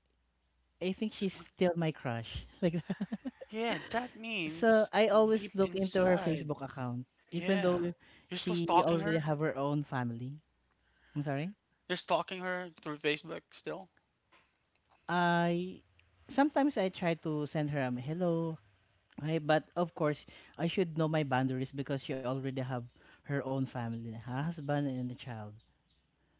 I think
So,
she's still my crush, like that.
yeah, that
So
means
I always
deep
look into her
inside.
Facebook account, even
Yeah.
though
You're still
she
stalking
already
her?
have her own family. I'm sorry.
You're stalking her through Facebook still?
I Sometimes I try to send her a hello, right? But of course, I should know my boundaries because she already have her own family, a husband and a child.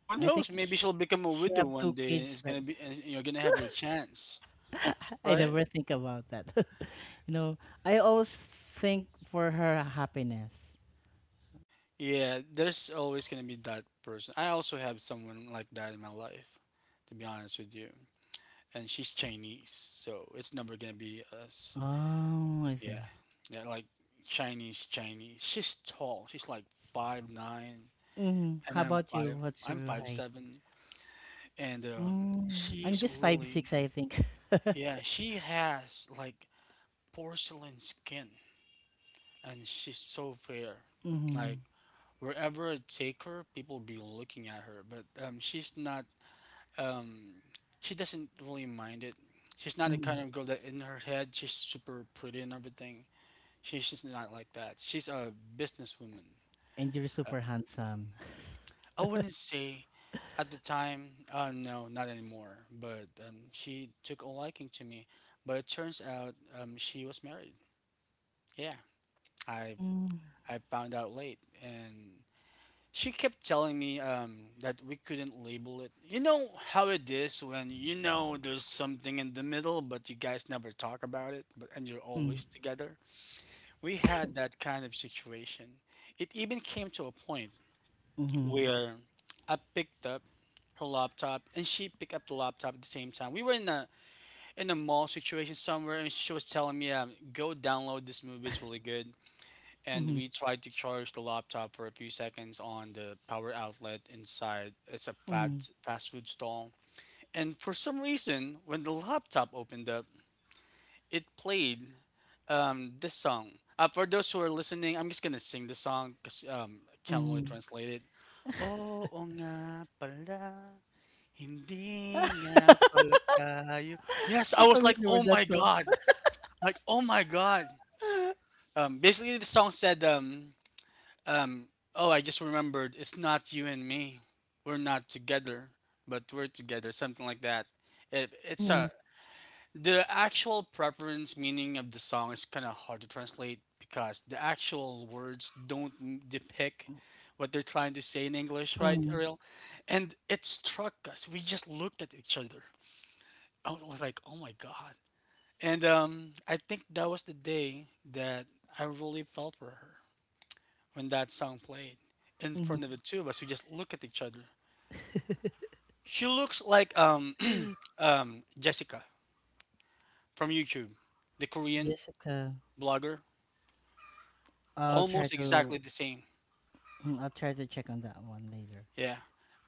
Who
I think
knows? Maybe she'll become a
she
widow
have
one
two
day and
kids.
it's
Like
gonna be and you're gonna have your chance,
I
right?
never think about that. you know, I always think for her happiness.
Yeah, there's always gonna be that person. I also have someone like that in my life, to be honest with you. And she's Chinese, so it's never gonna be us.
Oh, I
Yeah.
see.
Yeah, like Chinese, Chinese. She's tall. She's like 5'9".
Mm,
And
how
I'm
about you?
five.
What's
I'm
your
five
height?
seven, and
Mm, I'm
she's
just 5'6",
really
I think.
yeah. She has like porcelain skin, and she's so fair.
Mm-hmm,
Like wherever I take her, people be looking at her. But she's not. Um, she doesn't really mind it. She's not the
mm-hmm.
kind of girl that in her head she's super pretty and everything. She's just not like that. She's a businesswoman.
And you're
Uh,
super handsome.
I wouldn't say at the time, no, not anymore. But she took a liking to me. But it turns out she was married. Yeah, I
Mm,
I found out late, and she kept telling me that we couldn't label it. You know how it is when you know there's something in the middle, but you guys never talk about it, but and you're
mm-hmm,
always together. We had that kind of situation. It even came to a point
mm-hmm,
where I picked up her laptop and she picked up the laptop at the same time. We were in a mall situation somewhere and she was telling me, go download this movie, it's really good. And we tried to charge the laptop for a few seconds on the power outlet inside it's a
mm-hmm,
fast food stall. And for some reason, when the laptop opened up, it played this song. For those who are listening, I'm just gonna sing the song because I can't really
mm-hmm.
translate it. Oo nga pala, hindi nga pala tayo. Yes, I
I'm
was like,
familiar
"Oh
with
my
that song.
god," like, "Oh my god." Basically the song said, um, "Oh, I just remembered, it's not you and me. We're not together, but we're together," something like that. It, it's
Mm,
a the actual preference meaning of the song is kind of hard to translate because the actual words don't depict what they're trying to say in English, right,
mm,
Ariel? And it struck us. We just looked at each other. I was like, "Oh my god!" And I think that was the day that I really fell for her when that song played in
mhm.
front of the two of us. We just looked at each other. She looks like Jessica from YouTube, the Korean
Jessica.
blogger.
I'll try
Almost exactly
to
the same.
I'll try to check on that one later.
Yeah.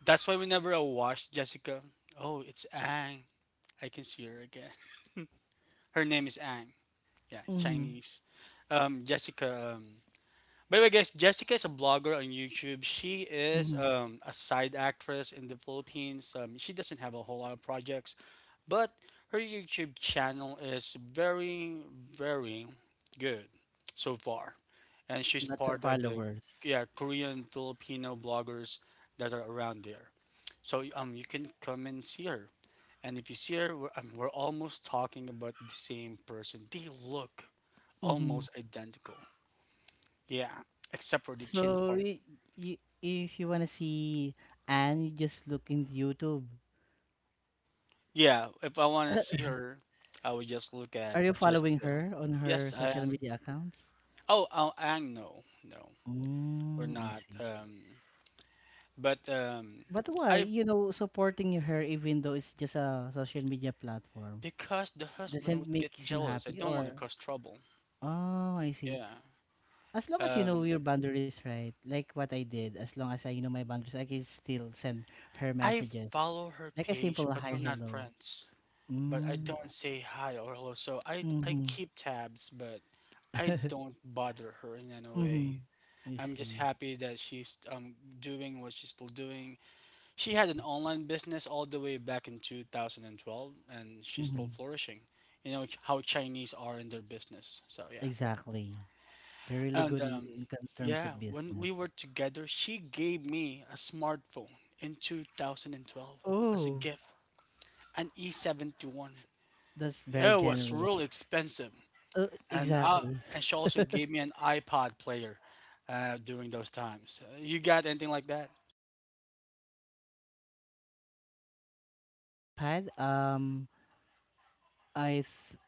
That's why whenever I watch Jessica, oh, it's Ang. I can see her again. Her name is Ang. Yeah,
Mhm,
Chinese. Jessica. By the way, guys, Jessica is a blogger on YouTube. She is
mhm.
a side actress in the Philippines. She doesn't have a whole lot of projects, but her YouTube channel is very, very good so far. And she's
Lots of
part of the
followers.
yeah Korean Filipino bloggers that are around there. So you can come and see her. And if you see her, we're almost talking about the same person. They look
Mhm.
almost identical. Yeah, except for the chin
So,
part.
y y if you wanna see Anne, you just look in YouTube.
Yeah, if I want to see her, I would just look at
Are you following
Jessica.
her on
Yes,
her
I
social
am.
media accounts?
Oh, oh, Ang, no, no, we're
Mm, I
not.
see.
But
But why?
I
You know, supporting her even though it's just a social media platform
because the husband
doesn't
would
make
get
you
jealous. I
happy,
don't want to
or.
cause trouble.
Oh, I see.
Yeah.
As long as you know your
Um,
boundaries, right? Like what I did, as long as I know my boundaries, I can still send her
I
messages.
follow her
Like a
page,
simple
but
hi,
we're not
hello.
friends. But I
Mm,
don't say hi or hello. So I
mm-hmm,
keep tabs, but I don't bother her in any
mm-hmm.
way.
I
I'm just
see.
happy that she's doing what she's still doing. She had an online business all the way back in 2012, and twelve, and she's still
Mm-hmm.
flourishing. You know how Chinese are in their business. So yeah,
Exactly. They're really
and
good in,
um,
in terms
yeah,
of
when we
business.
were together, she gave me a smartphone in 2012 as a
Oh,
gift, an E71.
s- that's very
It was real
generous.
expensive, and uh,
Exactly.
and she also gave me an iPod player during those times. You got anything like that?
iPad, I th-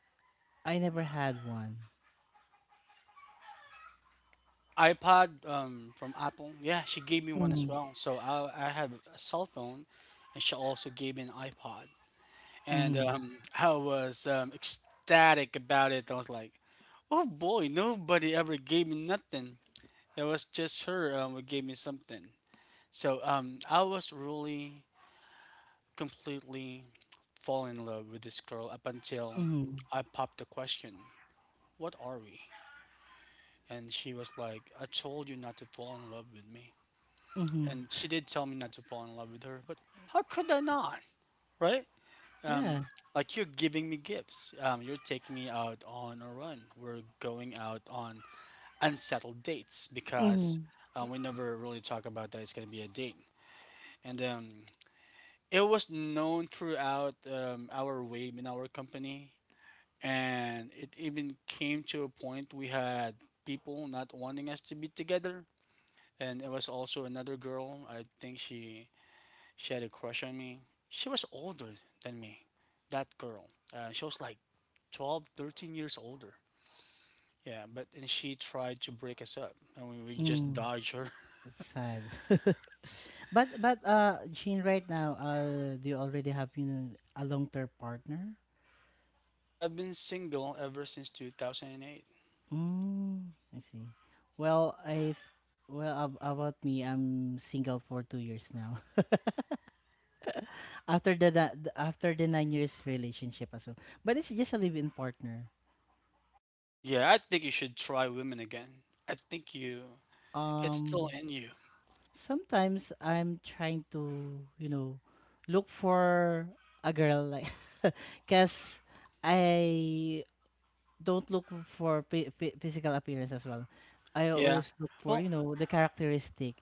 I never had one.
An iPod from Apple. Yeah, she gave me one as
Mm-hmm,
well. So I have a cell phone, and she also gave me an iPod. And
mm-hmm,
I was ecstatic about it. I was like, oh boy, nobody ever gave me nothing. It was just her who gave me something. So I was really completely falling in love with this girl up until
mm-hmm,
I popped the question, what are we? And she was like, I told you not to fall in love with me.
mm-hmm.
And she did tell me not to fall in love with her, but how could I not, right?
Yeah.
Um, like you're giving me gifts. You're taking me out on a run. We're going out on unsettled dates because
Mm-hmm,
we never really talk about that it's gonna be a date. And it was known throughout our wave in our company, and it even came to a point we had people not wanting us to be together. And it was also another girl. I think she had a crush on me. She was older than me, that girl. She was like 12, 13 years older. Yeah, but and she tried to break us up, and we just
mm-hmm.
dodged her.
That's sad. But Jean, right now, do you already have, a long term partner?
I've been single ever since 2008.
Mm, I see. Well, about me, I'm single for 2 years now. After the after the 9 years relationship as well. But it's just a live in partner.
Yeah, I think you should try women again. I think you, it's still
Um
in you.
sometimes I'm trying to, look for a girl like cause I don't look for physical appearance as well. I
Yeah.
always look for,
Well,
the characteristic.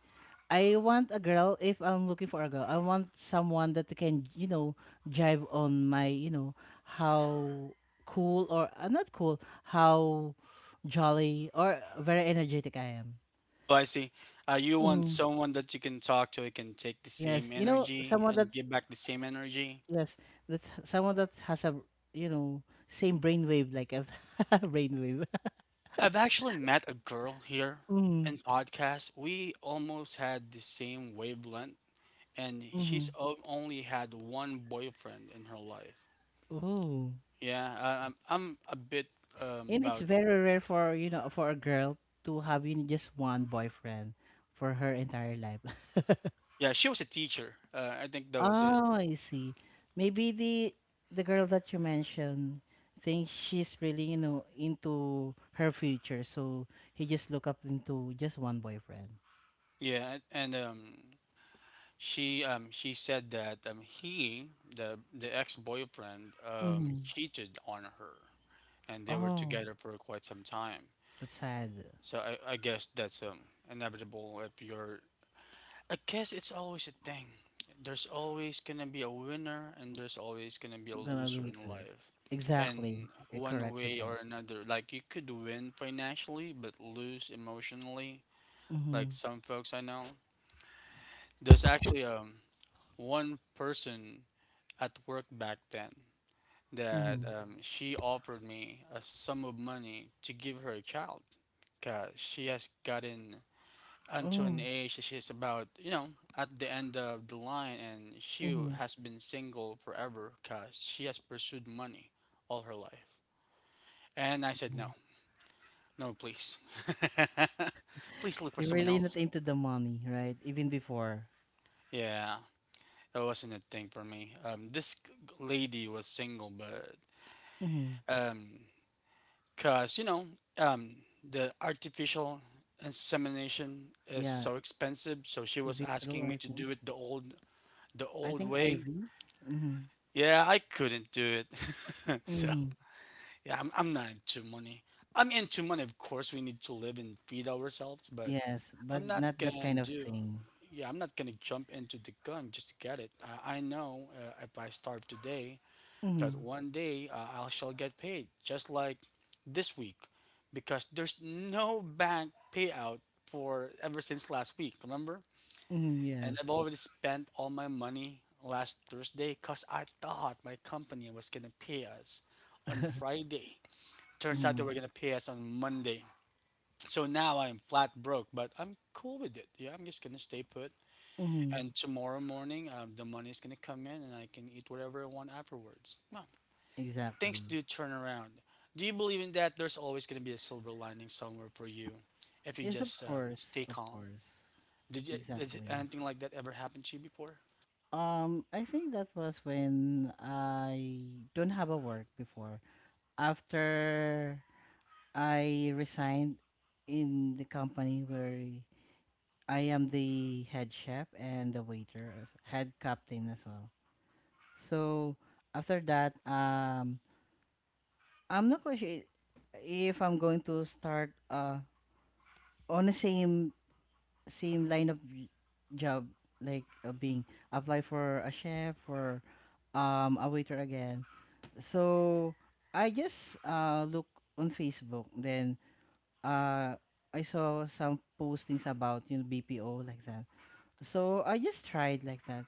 I want a girl. If I'm looking for a girl, I want someone that can, jive on my, how cool or, not cool, how jolly or very energetic I am.
oh, I see. You want
Mm,
someone that you can talk to, who can take the
yes,
same energy
someone that,
and give back the same energy.
yes, that someone that has a you know same brainwave like a brainwave.
I've actually met a girl here
Mm,
in podcast. We almost had the same wavelength, and
mm-hmm.
she's only had one boyfriend in her life.
Oh.
Yeah, I'm a bit
And it's
about.
very rare for, a girl to have, just one boyfriend for her entire life.
Yeah, she was a teacher. I think that was it.
Oh, I see. Maybe the girl that you mentioned thinks she's really, into her future, so he just look up into just one boyfriend.
Yeah, and she said that he the ex boyfriend
Hmm.
cheated on her, and they were
Oh,
together for quite some time.
that's sad.
So I guess that's inevitable if you're I guess it's always a thing. There's always gonna be a winner and there's always gonna be a
We're gonna
loser
lose
in
her.
life.
Exactly.
And
You're
one
correct with
way
that.
or another, like you could win financially but lose emotionally, like
Mm-hmm.
some folks I know. There's actually one person at work back then that
Mm-hmm.
she offered me a sum of money to give her a child because she has gotten until an
Oh.
age that she's about, you know, at the end of the line, and she
Mm-hmm.
has been single forever because she has pursued money all her life. And I said,
Mm-hmm.
no, no, please. Please look for
You're
someone
really not
else.
into the money, right? Even before.
Yeah, it wasn't a thing for me. This lady was single, but
Mm-hmm.
um, cause you know, um, the artificial insemination is
Yeah,
so expensive, so she
in
was
vitro,
asking me
I
to
think.
do it the
I
old
think
way.
IV. Mm-hmm.
Yeah, I couldn't do it. So,
Mm-hmm.
yeah, I'm not into money. I'm into money, of course. We need to live and feed ourselves, but
Yes,
I'm
but
not
not that
gonna
kind of
do.
thing.
Yeah, I'm not gonna jump into the gun just to get it. I know if I starve today, that
Mm-hmm.
one day I shall get paid, just like this week, because there's no bank payout for ever since last week. Remember?
Mm-hmm.
And
Yes.
I've already spent all my money last Thursday because I thought my company was gonna pay us on Friday. Turns out they
Mm-hmm.
were gonna pay us on Monday. So now I'm flat broke, but I'm cool with it. Yeah, I'm just gonna stay put.
Mm-hmm.
And tomorrow morning, the money is gonna come in, and I can eat whatever I want afterwards. Well, things
Exactly.
do turn around. Do you believe in that? There's always gonna be a silver lining somewhere for you, if you
Yes, of
just
course,
stay
of
calm.
course.
Did, you, did
Exactly.
anything like that ever happen to you before?
I think that was when I don't have a work before. After I resigned in the company where I am the head chef and the waiter, head captain as well. So after that, I'm not quite sure if I'm going to start on the same line of job, like being apply for a chef or a waiter again. So I just look on Facebook, then uh I saw some postings about BPO like that. So I just tried like that.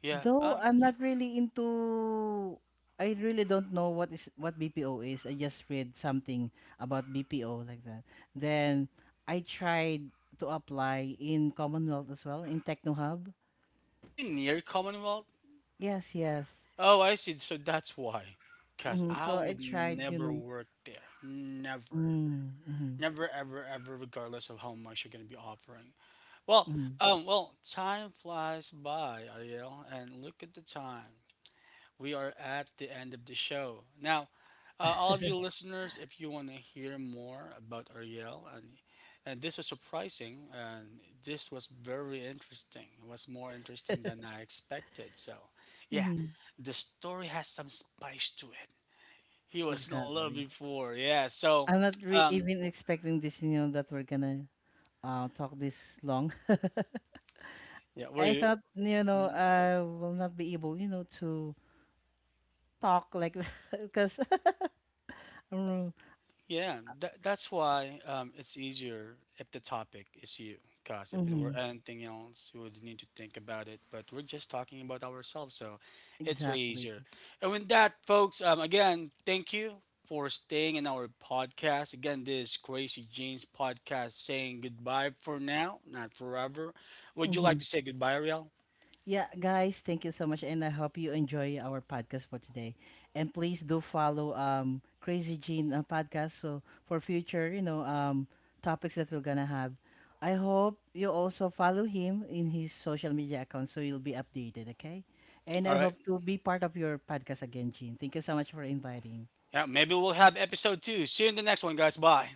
Yeah.
Though I'm not really into, I really don't know what is what BPO is. I just read something about BPO like that. Then I tried to apply in Commonwealth as well in TechnoHub.
Are you near Commonwealth?
Yes, yes.
Oh, I see. So that's why. Cause
Hmm.
I
So I
would
tried, you
never
know.
work there. Never.
Mm-hmm, mm-hmm,
Never, ever, ever, regardless of how much you're gonna be offering. Well,
mm-hmm.
well, time flies by, Ariel, and look at the time. We are at the end of the show. Now, all of you listeners, if you want to hear more about Ariel, and this was surprising, and this was very interesting. It was more interesting than I expected. So, yeah,
Mm-hmm.
the story has some spice to it. He was in love
Exactly.
before. Yeah, so,
I'm not re
um,
even expecting this, that we're gonna talk this long.
yeah, were
I
you?
thought,
Mm-hmm.
I will not be able, to talk like that because. Mm,
Yeah, that, that's why it's easier if the topic is you. Because if it were
mhm.
anything else, you would need to think about it. But we're just talking about ourselves, so it's way
Exactly.
easier. And with that, folks, again, thank you for staying in our podcast. Again, this is Crazy Jeans podcast saying goodbye for now, not forever. Would you like
Mhm.
to say goodbye, Ariel?
Yeah, guys, thank you so much, and I hope you enjoy our podcast for today. And please do follow Crazy Jean podcast so for future, topics that we're gonna have. I hope you also follow him in his social media account so you'll be updated, okay? And I
All right.
hope to be part of your podcast again, Jean. Thank you so much for inviting.
Yeah, maybe we'll have episode two. See you in the next one, guys. Bye.